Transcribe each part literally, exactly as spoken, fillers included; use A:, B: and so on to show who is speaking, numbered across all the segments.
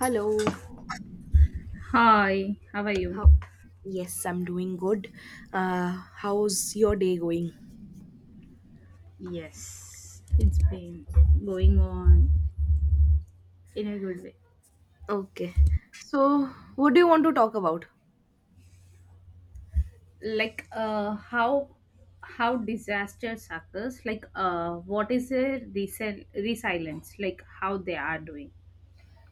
A: Hello.
B: Hi, how are you?
A: How? Yes, I'm doing good. Uh, how's your day going?
B: Yes, it's been going on in a good way.
A: Okay. So, what do you want to talk about?
B: Like uh how how disasters occurs, like uh what is a resil- resilience, like how they are doing.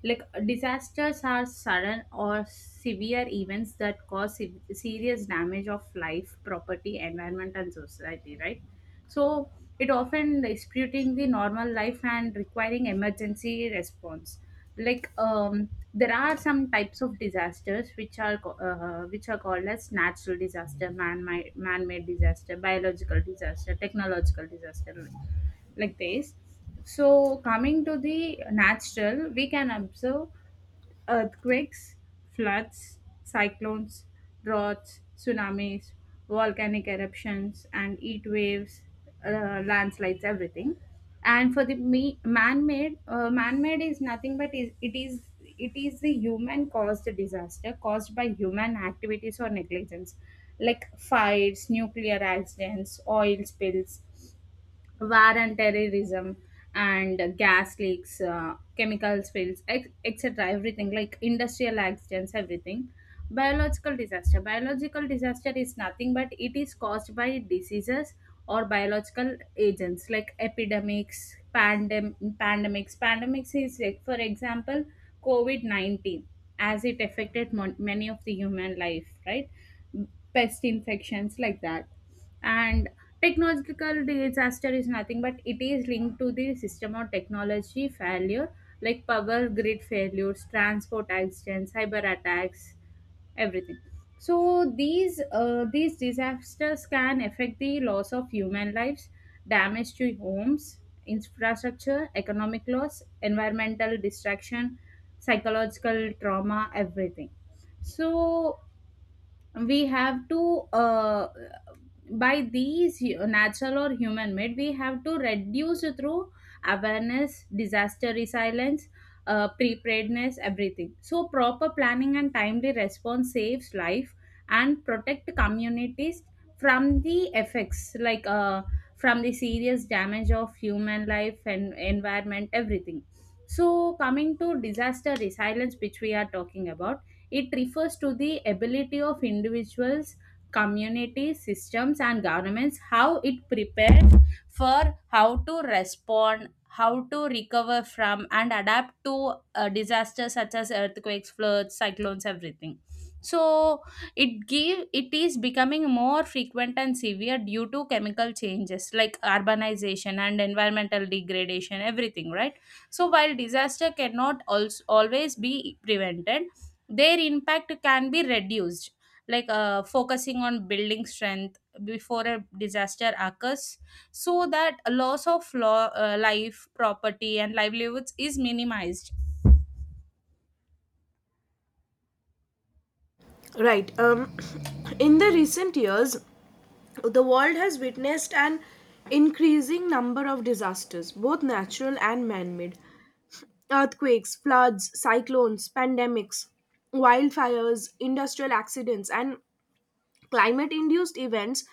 B: Like disasters are sudden or severe events that cause se- serious damage of life, property, environment and society, right? So it often disputing the normal life and requiring emergency response. Like um, there are some types of disasters which are co- uh, which are called as natural disaster, man man made disaster, biological disaster, technological disaster, like this. So coming to the natural, we can observe earthquakes, floods, cyclones, droughts, tsunamis, volcanic eruptions, and heat waves, uh, landslides, everything. And for the me- man-made, uh, man-made is nothing but is it is it is the human-caused disaster caused by human activities or negligence, like fires, nuclear accidents, oil spills, war and terrorism and gas leaks, uh, chemical spills, ex- et cetera. Everything like industrial accidents, everything. Biological disaster. Biological disaster is nothing but it is caused by diseases or biological agents like epidemics, pandem- pandemics. Pandemics is like, for example, COVID nineteen, as it affected mon- many of the human life, right? Pest infections like that. And technological disaster is nothing but it is linked to the system or technology failure, like power grid failures, transport accidents, cyber attacks, everything. So these uh, these disasters can affect the loss of human lives, damage to homes, infrastructure, economic loss, environmental destruction, psychological trauma, everything. So we have to uh, by these hu- natural or human made, we have to reduce through awareness, disaster resilience, uh, preparedness, everything. So proper planning and timely response saves life and protect communities from the effects like uh, from the serious damage of human life and environment, everything. So coming to disaster resilience, which we are talking about, it refers to the ability of individuals, community systems and governments, how it prepares for, how to respond, how to recover from, and adapt to uh, disasters such as earthquakes, floods, cyclones, everything. So it give it is becoming more frequent and severe due to chemical changes like urbanization and environmental degradation, everything, right? So while disaster cannot also always be prevented, their impact can be reduced, like uh, focusing on building strength before a disaster occurs, so that a loss of law, uh, life, property and livelihoods is minimized.
A: Right. Um, in the recent years, the world has witnessed an increasing number of disasters, both natural and man made. Earthquakes, floods, cyclones, pandemics, wildfires, industrial accidents, and Climate induced events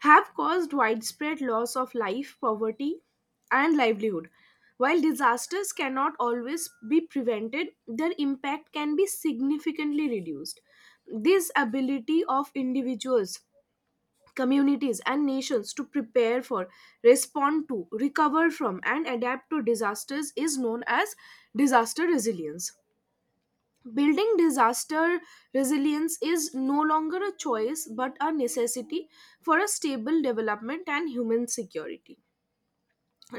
A: have caused widespread loss of life, poverty, and livelihood. While disasters cannot always be prevented, their impact can be significantly reduced. This ability of individuals, communities, and nations to prepare for, respond to, recover from, and adapt to disasters is known as disaster resilience. Building disaster resilience is no longer a choice but a necessity for a stable development and human security.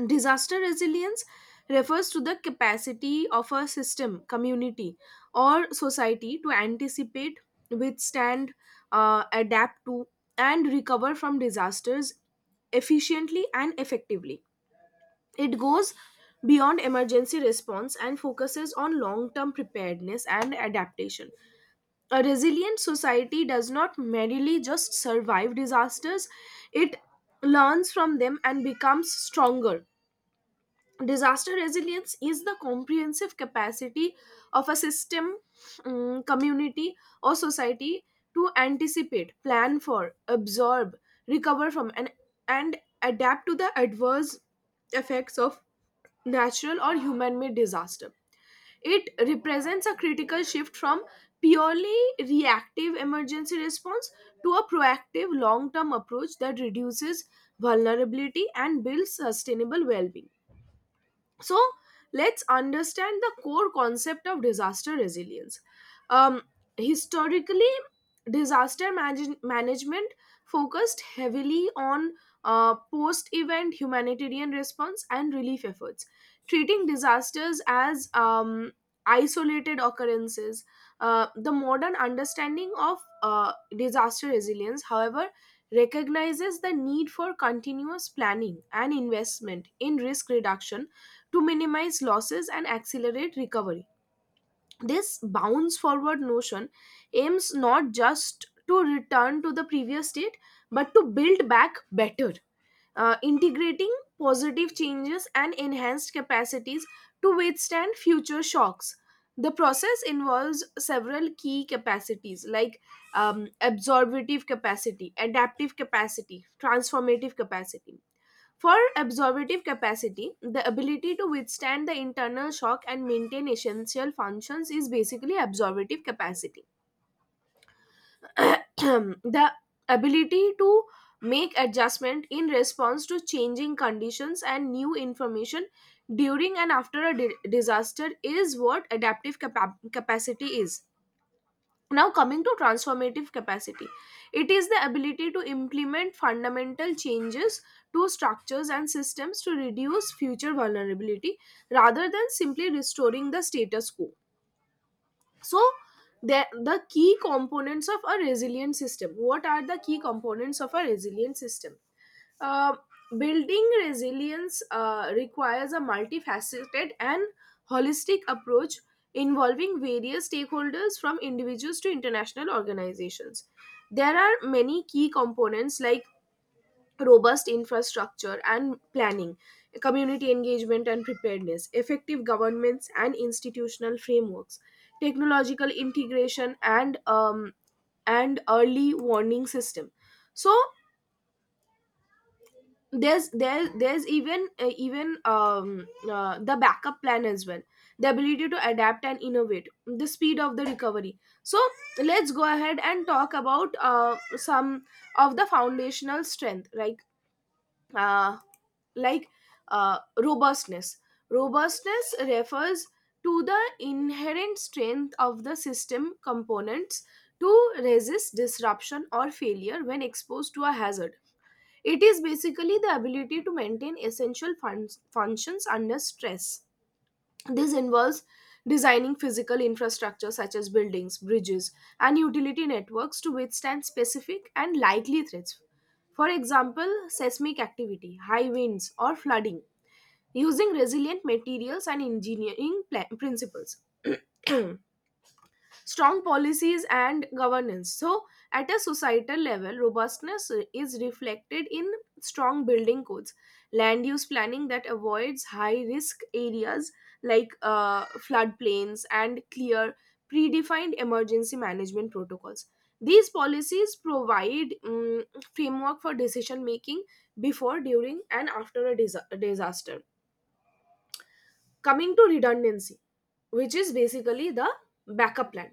A: Disaster resilience refers to the capacity of a system, community, or society to anticipate, withstand, uh, adapt to, and recover from disasters efficiently and effectively. It goes beyond emergency response and focuses on long term preparedness and adaptation. A resilient society does not merely just survive disasters, it learns from them and becomes stronger. Disaster resilience is the comprehensive capacity of a system, mm, community, or society to anticipate, plan for, absorb, recover from, and, and adapt to the adverse effects of natural or human made disaster. It represents a critical shift from purely reactive emergency response to a proactive long term approach that reduces vulnerability and builds sustainable well being. So let's understand the core concept of disaster resilience. um, Historically, disaster manage- management focused heavily on uh, post event humanitarian response and relief efforts, treating disasters as um, isolated occurrences. Uh, The modern understanding of uh, disaster resilience, however, recognizes the need for continuous planning and investment in risk reduction to minimize losses and accelerate recovery. This bounce forward notion aims not just to return to the previous state but to build back better, uh, integrating positive changes and enhanced capacities to withstand future shocks. The process involves several key capacities like um, absorptive capacity, adaptive capacity, transformative capacity. For absorptive capacity, the ability to withstand the internal shock and maintain essential functions is basically absorptive capacity. The ability to make adjustment in response to changing conditions and new information during and after a di- disaster is what adaptive capa- capacity is. Now, coming to transformative capacity, it is the ability to implement fundamental changes to structures and systems to reduce future vulnerability rather than simply restoring the status quo. So the, the key components of a resilient system, what are the key components of a resilient system? uh, Building resilience uh, requires a multifaceted and holistic approach involving various stakeholders from individuals to international organizations. There are many key components like robust infrastructure and planning, community engagement and preparedness, effective governments and institutional frameworks, technological integration and um, and early warning system. So there's there there's even uh, even um, uh, the backup plan as well, the ability to adapt and innovate, the speed of the recovery. So let's go ahead and talk about uh, some of the foundational strength like. Uh, like uh, Robustness. Robustness refers to the inherent strength of the system components to resist disruption or failure when exposed to a hazard. It is basically the ability to maintain essential fun- functions under stress. This involves designing physical infrastructure such as buildings, bridges and utility networks to withstand specific and likely threats, for example, seismic activity, high winds, or flooding, using resilient materials and engineering pla- principles. Strong policies and governance. So, at a societal level, robustness is reflected in strong building codes, land use planning that avoids high risk areas like uh, floodplains, and clear, predefined emergency management protocols. These policies provide mm, framework for decision making before, during, and after a disa- disaster. Coming to redundancy, which is basically the backup plan.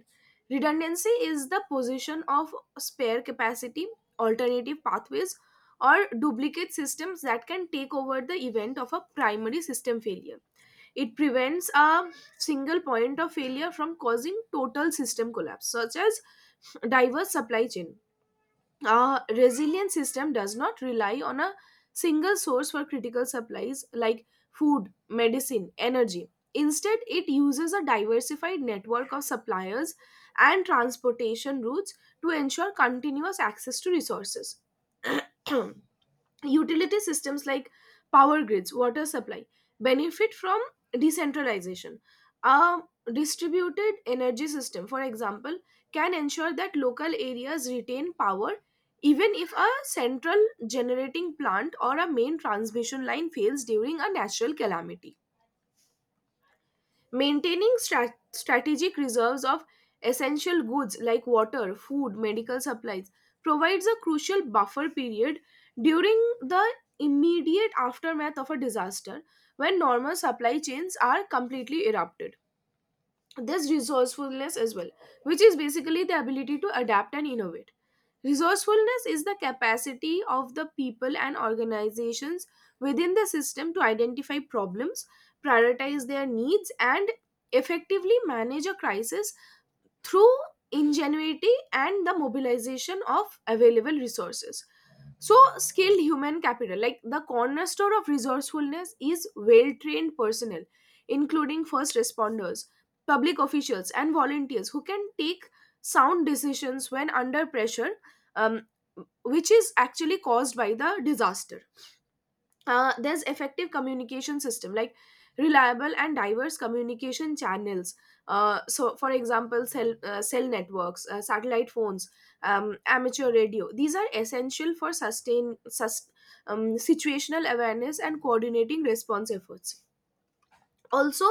A: Redundancy is the position of spare capacity, alternative pathways or duplicate systems that can take over the event of a primary system failure. It prevents a single point of failure from causing total system collapse, such as diverse supply chain. A resilient system does not rely on a single source for critical supplies like food, medicine, energy. Instead, it uses a diversified network of suppliers and transportation routes to ensure continuous access to resources. Utility systems like power grids, water supply benefit from decentralization. A distributed energy system, for example, can ensure that local areas retain power even if a central generating plant or a main transmission line fails during a natural calamity. Maintaining stra- strategic reserves of essential goods like water, food, medical supplies provides a crucial buffer period during the immediate aftermath of a disaster when normal supply chains are completely erupted. There's resourcefulness as well, which is basically the ability to adapt and innovate. Resourcefulness is the capacity of the people and organizations within the system to identify problems, prioritize their needs, and effectively manage a crisis through ingenuity and the mobilization of available resources. So, skilled human capital, like the cornerstone of resourcefulness, is well trained personnel, including first responders, public officials, and volunteers who can take sound decisions when under pressure, um, which is actually caused by the disaster. Uh, there's effective communication system like reliable and diverse communication channels. Uh, so for example, cell uh, cell networks, uh, satellite phones, um, amateur radio, these are essential for sustain sus- um, situational awareness and coordinating response efforts. Also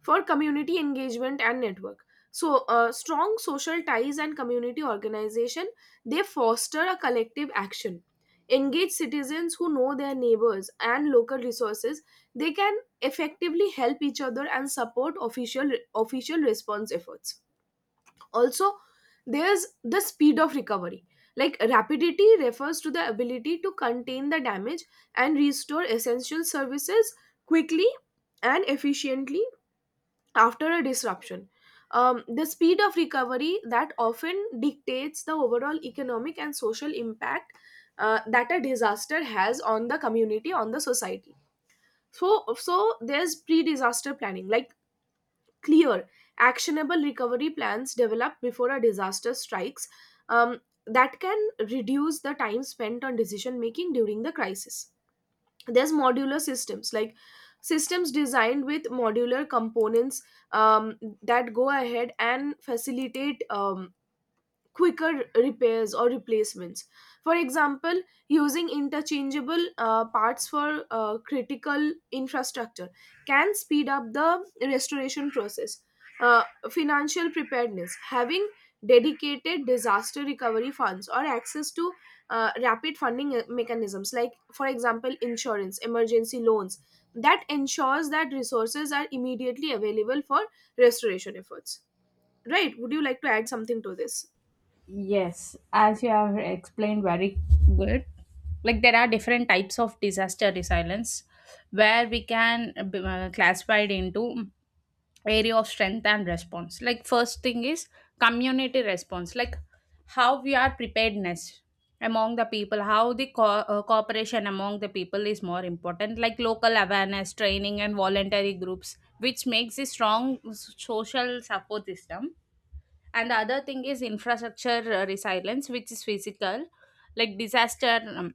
A: for community engagement and network, so uh, strong social ties and community organization, they foster a collective action. Engaged citizens who know their neighbors and local resources, they can effectively help each other and support official official response efforts. Also, there's the speed of recovery, like rapidity refers to the ability to contain the damage and restore essential services quickly and efficiently after a disruption. Um, the speed of recovery that often dictates the overall economic and social impact uh, that a disaster has on the community, on the society. So, so there's pre-disaster planning, like clear, actionable recovery plans developed before a disaster strikes, um, that can reduce the time spent on decision making during the crisis. There's modular systems like systems designed with modular components um, that go ahead and facilitate um, quicker repairs or replacements. For example, using interchangeable uh, parts for uh, critical infrastructure can speed up the restoration process. Uh, Financial preparedness, having dedicated disaster recovery funds or access to uh, rapid funding uh, mechanisms, like for example insurance, emergency loans, that ensures that resources are immediately available for restoration efforts. Right, would you like to add something to this?
B: Yes, as you have explained very good. Like there are different types of disaster resilience, where we can uh, classify it into area of strength and response. Like first thing is community response, like how we are preparedness among the people, how the co- uh, cooperation among the people is more important, like local awareness, training and voluntary groups, which makes a strong s- social support system. And the other thing is infrastructure uh, resilience, which is physical, like disaster um,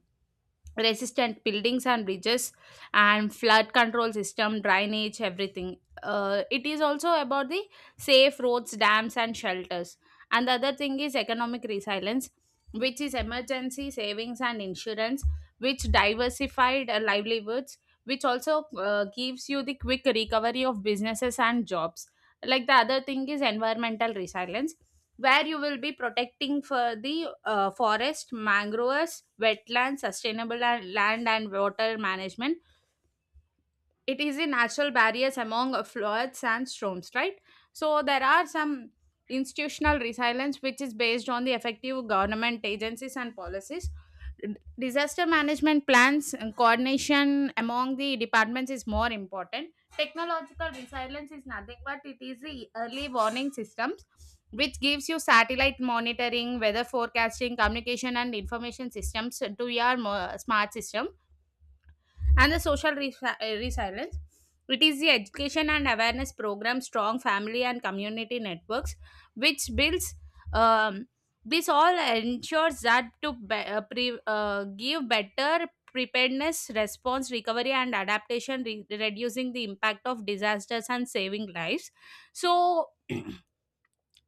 B: resistant buildings and bridges and flood control system, drainage, everything. Uh, it is also about the safe roads, dams and shelters. And the other thing is economic resilience, which is emergency savings and insurance, which diversified uh, livelihoods, which also uh, gives you the quick recovery of businesses and jobs. Like the other thing is environmental resilience, where you will be protecting for the uh, forest, mangroves, wetlands, sustainable la- land and water management. It is a natural barriers among uh, floods and storms, right? So there are some institutional resilience, which is based on the effective government agencies and policies. D- disaster management plans and coordination among the departments is more important. Technological resilience is nothing but it is the early warning systems, which gives you satellite monitoring, weather forecasting, communication and information systems to your mo- smart system. And the social resi- uh, resilience. It is the education and awareness program, strong family and community networks, which builds. Um, this all ensures that to be, uh, pre, uh, give better preparedness, response, recovery, and adaptation, re- reducing the impact of disasters and saving lives. So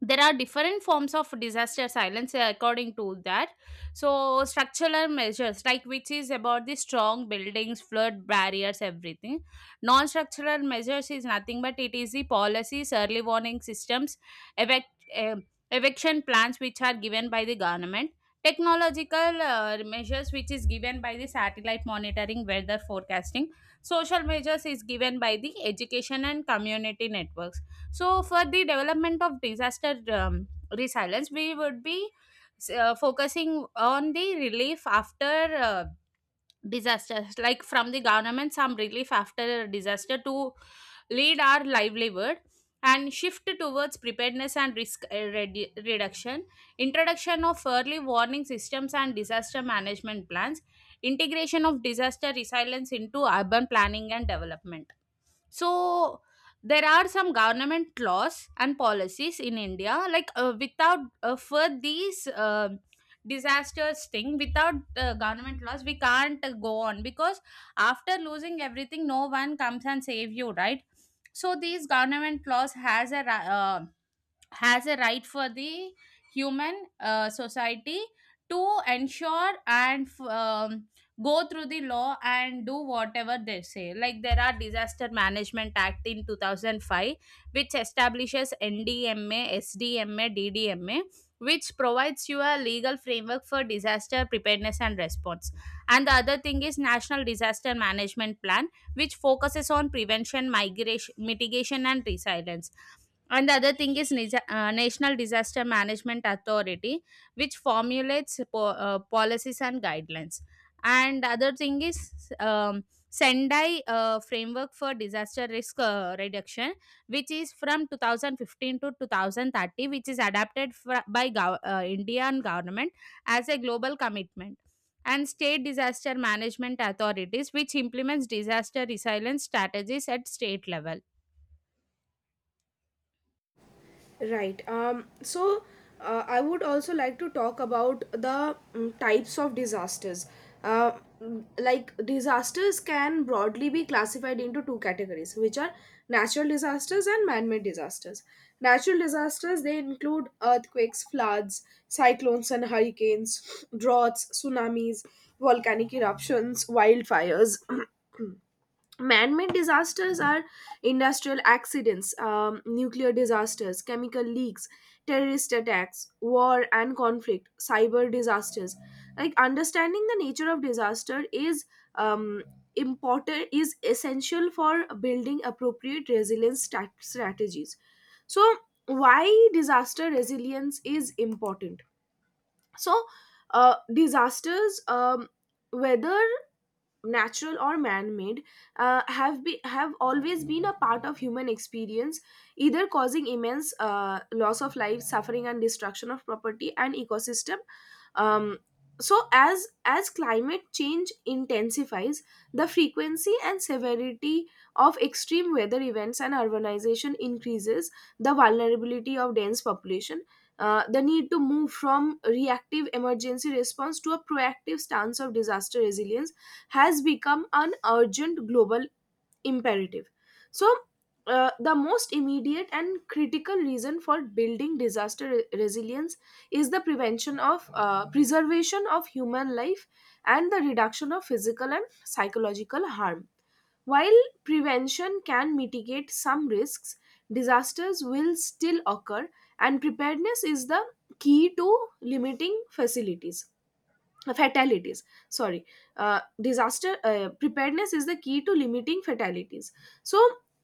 B: there are different forms of disaster silence uh, according to that. So structural measures, like which is about the strong buildings, flood barriers, everything. Non structural measures is nothing but it is the policies, early warning systems, evac- eh, eviction plans which are given by the government. Technological uh, measures, which is given by the satellite monitoring, weather forecasting. Social measures is given by the education and community networks. So, for the development of disaster um, resilience, we would be uh, focusing on the relief after uh, disasters, like from the government, some relief after a disaster to lead our livelihood, and shift towards preparedness and risk uh, redu- reduction, introduction of early warning systems and disaster management plans, integration of disaster resilience into urban planning and development. So there are some government laws and policies in India, like uh, without uh, for these uh, disasters thing, without uh, government laws we can't uh, go on, because after losing everything, no one comes and save you, right? So these government laws has a ra- uh, has a right for the human uh, society to ensure and f- um, go through the law and do whatever they say. Like there are disaster management act in two thousand five, which establishes N D M A, S D M A, D D M A which provides you a legal framework for disaster preparedness and response. And the other thing is national disaster management plan, which focuses on prevention, migration, mitigation and resilience. And the other thing is Nisa- uh, National Disaster Management Authority, which formulates po- uh, policies and guidelines. And the other thing is um, Sendai uh, Framework for Disaster Risk uh, Reduction, which is from two thousand fifteen to twenty thirty, which is adapted fr- by gov- uh, Indian government as a global commitment. And state disaster management authorities, which implements disaster resilience strategies at state level.
A: Right. Um, so uh, I would also like to talk about the mm, types of disasters. Uh, mm, like disasters can broadly be classified into two categories, which are natural disasters and man-made disasters. Natural disasters, they include earthquakes, floods, cyclones and hurricanes, droughts, tsunamis, volcanic eruptions, wildfires. Man-made disasters are industrial accidents, um, nuclear disasters, chemical leaks, terrorist attacks, war and conflict, cyber disasters. Like understanding the nature of disaster is um, important is essential for building appropriate resilience stat- strategies. So why disaster resilience is important? So uh, disasters, um, whether natural or man-made, uh, have be, have always been a part of human experience, either causing immense uh, loss of life, suffering, and destruction of property and ecosystem. Um, so, as as climate change intensifies, the frequency and severity of extreme weather events and urbanization increases the vulnerability of dense population. Uh, the need to move from reactive emergency response to a proactive stance of disaster resilience has become an urgent global imperative. So, uh, the most immediate and critical reason for building disaster re- resilience is the prevention of uh, preservation of human life and the reduction of physical and psychological harm. While prevention can mitigate some risks, disasters will still occur, and preparedness is the key to limiting facilities fatalities. Sorry, uh, disaster uh, preparedness is the key to limiting fatalities. So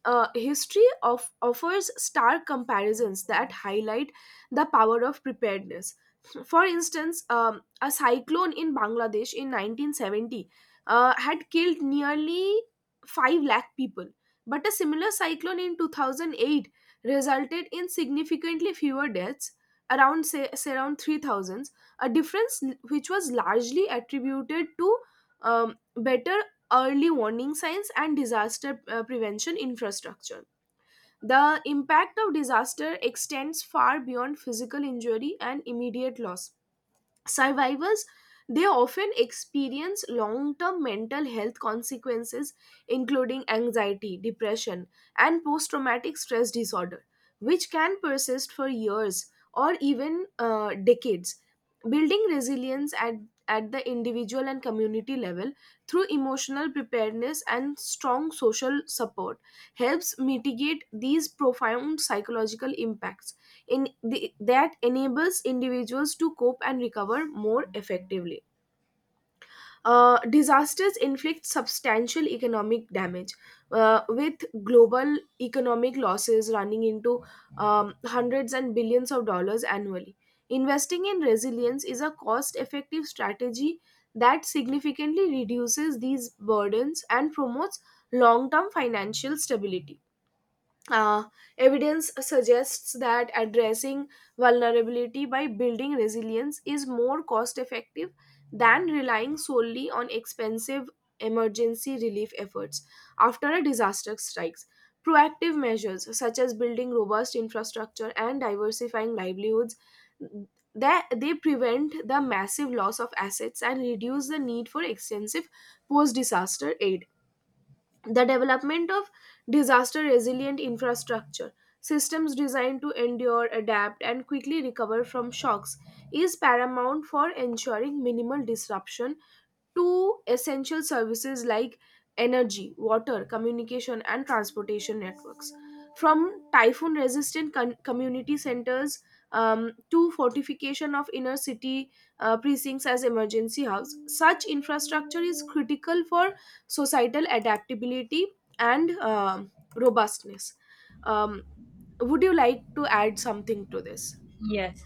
A: uh, history of offers stark comparisons that highlight the power of preparedness. For instance, um, a cyclone in Bangladesh in nineteen seventy uh, had killed nearly five lakh people, but a similar cyclone in two thousand eight resulted in significantly fewer deaths, around say, say around three thousand, a difference which was largely attributed to um, better early warning signs and disaster uh, prevention infrastructure. The impact of disaster extends far beyond physical injury and immediate loss. Survivors, they often experience long-term mental health consequences including anxiety, depression and post-traumatic stress disorder, which can persist for years or even uh, decades. Building resilience at, at the individual and community level through emotional preparedness and strong social support helps mitigate these profound psychological impacts in the, that enables individuals to cope and recover more effectively. Uh, disasters inflict substantial economic damage, uh, with global economic losses running into um, hundreds and billions of dollars annually. Investing in resilience is a cost effective strategy that significantly reduces these burdens and promotes long term financial stability. Uh, Evidence suggests that addressing vulnerability by building resilience is more cost effective than relying solely on expensive emergency relief efforts after a disaster strikes. Proactive measures such as building robust infrastructure and diversifying livelihoods that they prevent the massive loss of assets and reduce the need for extensive post disaster aid, the development of disaster resilient infrastructure systems designed to endure adapt and quickly recover from shocks is paramount for ensuring minimal disruption to essential services like energy water communication and transportation networks, from typhoon resistant community centers um, to fortification of inner city uh, precincts as emergency house. Such infrastructure is critical for societal adaptability and um robustness. Um, would you like to add something to this?
B: Yes,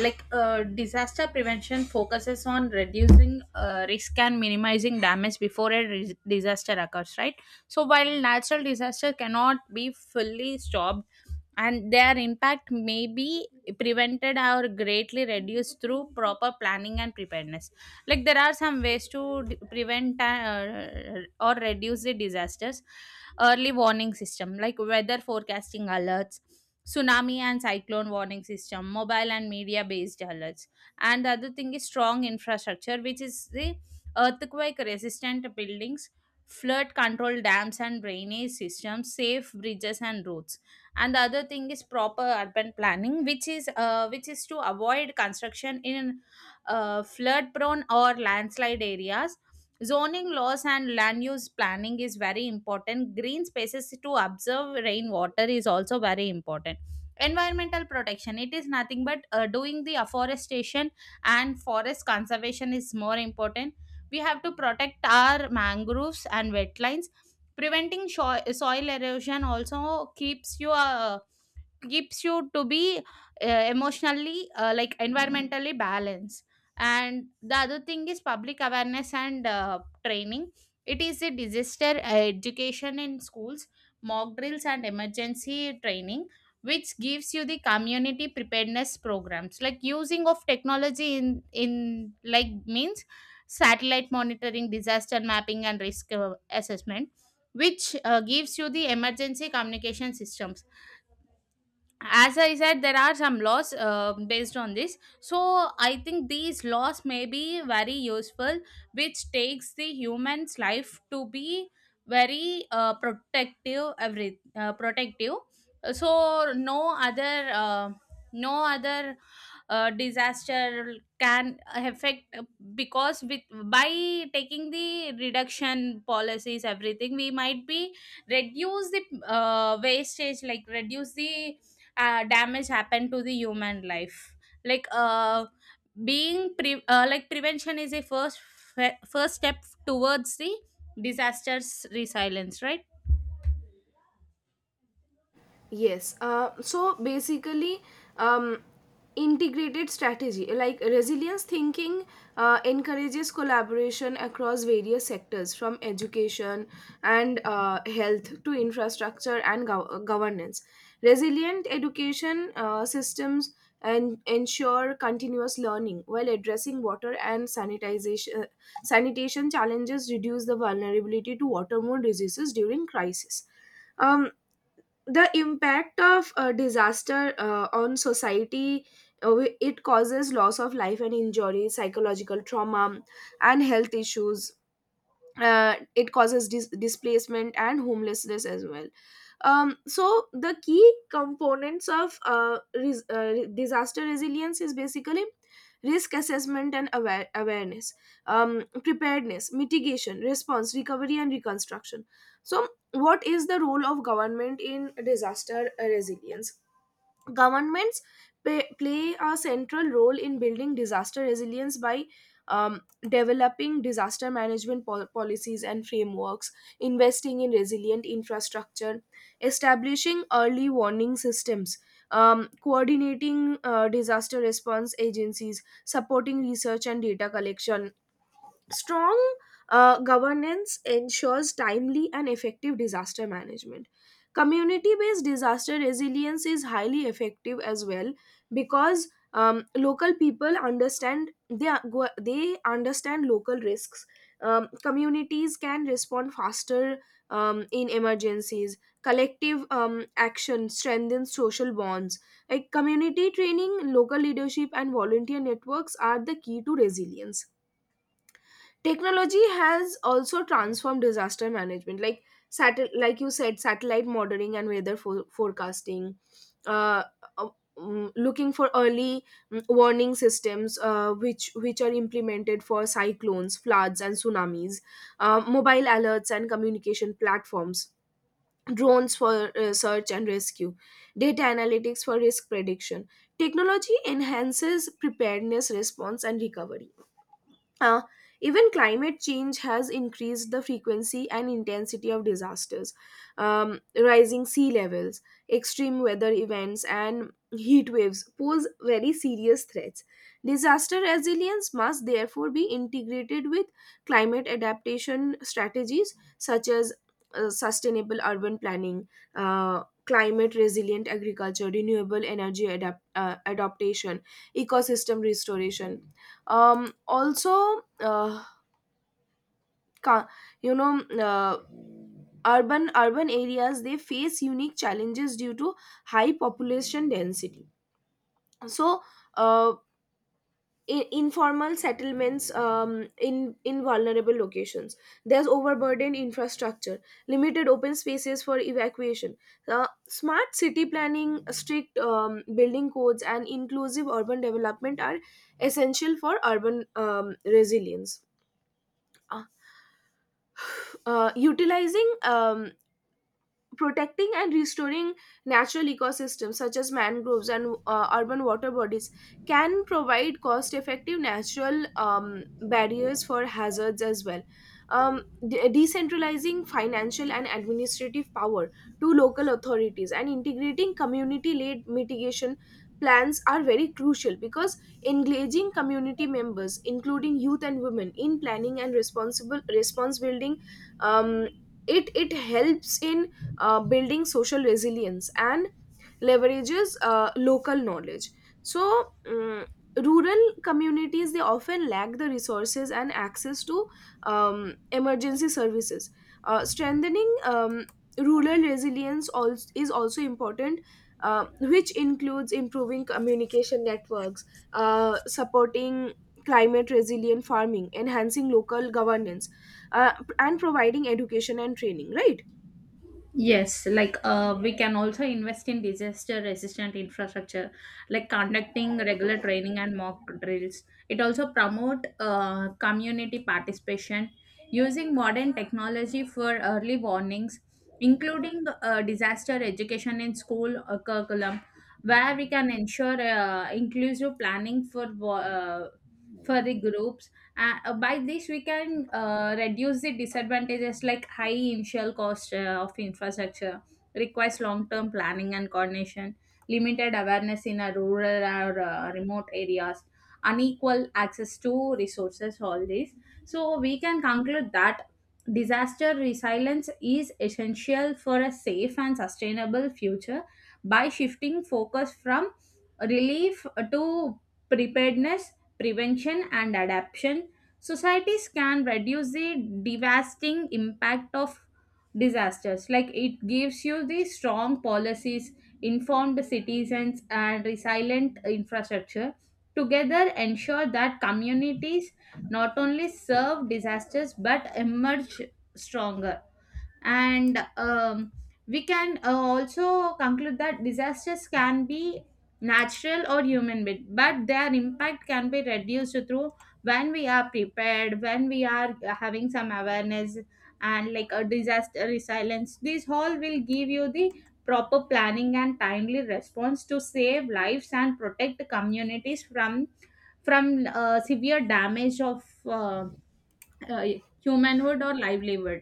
B: like uh, disaster prevention focuses on reducing uh, risk and minimizing damage before a ris- disaster occurs, right? So, while natural disaster cannot be fully stopped and their impact may be prevented or greatly reduced through proper planning and preparedness. Like there are some ways to d- prevent uh, or reduce the disasters. Early warning system, like weather forecasting alerts, tsunami and cyclone warning system, mobile and media based alerts. And the other thing is strong infrastructure, which is the earthquake resistant buildings, flood control dams and drainage systems, safe bridges and roads. And the other thing is proper urban planning, which is uh, which is to avoid construction in uh, flood prone or landslide areas. Zoning laws and land use planning is very important. Green spaces to observe rainwater is also very important. Environmental protection, it is nothing but uh, doing the afforestation, and forest conservation is more important. We have to protect our mangroves and wetlands. Preventing sho- soil erosion also keeps your keeps you to be uh, emotionally uh, like environmentally balanced. And the other thing is public awareness and uh, training. It is a disaster uh, education in schools, mock drills and emergency training, which gives you the community preparedness programs, like using of technology in in like means, satellite monitoring, disaster mapping and risk uh, assessment, which uh, gives you the emergency communication systems. As I said, there are some laws uh, based on this, so I think these laws may be very useful, which takes the human's life to be very uh, protective every uh, protective. So no other uh, no other uh, disaster can affect uh, because with by taking the reduction policies, everything, we might be reduce the uh, wastage, like reduce the uh, damage happen to the human life. Like uh, being pre- uh, like prevention is a first fe- first step towards the disasters resilience, right?
A: Yes. Uh, so basically, um, integrated strategy like resilience thinking uh, encourages collaboration across various sectors from education and uh, health to infrastructure and gov- uh, governance. Resilient education uh, systems and ensure continuous learning while addressing water and sanitization uh, sanitation challenges reduce the vulnerability to waterborne diseases during crisis. Um, the impact of a disaster uh, on society uh, wi- it causes loss of life and injury, psychological trauma, and health issues. Uh, it causes dis- displacement and homelessness as well. Um, so the key components of uh, res- uh, re- disaster resilience is basically risk assessment and aware- awareness, um, preparedness, mitigation, response, recovery and reconstruction. So what is the role of government in disaster uh, resilience? Governments pay, play a central role in building disaster resilience by um, developing disaster management pol- policies and frameworks, investing in resilient infrastructure, establishing early warning systems, um, coordinating uh, disaster response agencies, supporting research and data collection. Strong uh, governance ensures timely and effective disaster management. Community based disaster resilience is highly effective as well because um, local people understand, they, are go- they understand local risks. Um, communities can respond faster um, in emergencies. Collective um, action strengthens social bonds. Like community training, local leadership, and volunteer networks are the key to resilience. Technology has also transformed disaster management, like satel- like you said, satellite monitoring and weather fo- forecasting, uh, uh, mm, looking for early mm, warning systems uh, which which are implemented for cyclones floods and tsunamis, uh, mobile alerts and communication platforms, drones for uh, search and rescue, data analytics for risk prediction. Technology enhances preparedness response and recovery. uh, Even climate change has increased the frequency and intensity of disasters. Um, rising sea levels, extreme weather events, and heat waves pose very serious threats. Disaster resilience must therefore be integrated with climate adaptation strategies such as uh, sustainable urban planning, uh, climate resilient agriculture, renewable energy adapt- uh, adaptation, ecosystem restoration, um also uh, ca- you know uh, urban urban areas they face unique challenges due to high population density. So uh, i- informal settlements um, in in vulnerable locations, there's overburdened infrastructure, limited open spaces for evacuation. Uh, smart city planning, strict um, building codes and inclusive urban development are essential for urban um, resilience. Uh, uh, Utilizing, um, protecting and restoring natural ecosystems such as mangroves and uh, urban water bodies can provide cost effective natural um, barriers for hazards as well. um, de- Decentralizing financial and administrative power to local authorities and integrating community led mitigation plans are very crucial, because engaging community members including youth and women in planning and responsible response building, um, it it helps in uh, building social resilience and leverages uh, local knowledge. so mm, Rural communities they often lack the resources and access to um, emergency services. Uh, strengthening um, rural resilience also, is also important, uh, which includes improving communication networks, uh, supporting climate resilient farming, enhancing local governance, uh, and providing education and training, right?
B: Yes, like uh, we can also invest in disaster resistant infrastructure, like conducting regular training and mock drills. It also promote uh, community participation, using modern technology for early warnings, including uh, disaster education in school uh, curriculum, where we can ensure uh, inclusive planning for wa- uh, for the groups. Uh, by this we can uh, reduce the disadvantages, like high initial cost uh, of infrastructure, requires long term planning and coordination, limited awareness in a rural or uh, remote areas, unequal access to resources, all this. So we can conclude that disaster resilience is essential for a safe and sustainable future. By shifting focus from relief to preparedness, prevention and adaptation, societies can reduce the devastating impact of disasters. Like it gives you the strong policies, informed citizens, and resilient infrastructure. Together, ensure that communities not only serve disasters but emerge stronger. And um, we can uh, also conclude that disasters can be natural or human made, but their impact can be reduced through, when we are prepared, when we are having some awareness, and like a disaster resilience, these all will give you the proper planning and timely response to save lives and protect communities from from uh, severe damage of uh, uh, humanhood or livelihood.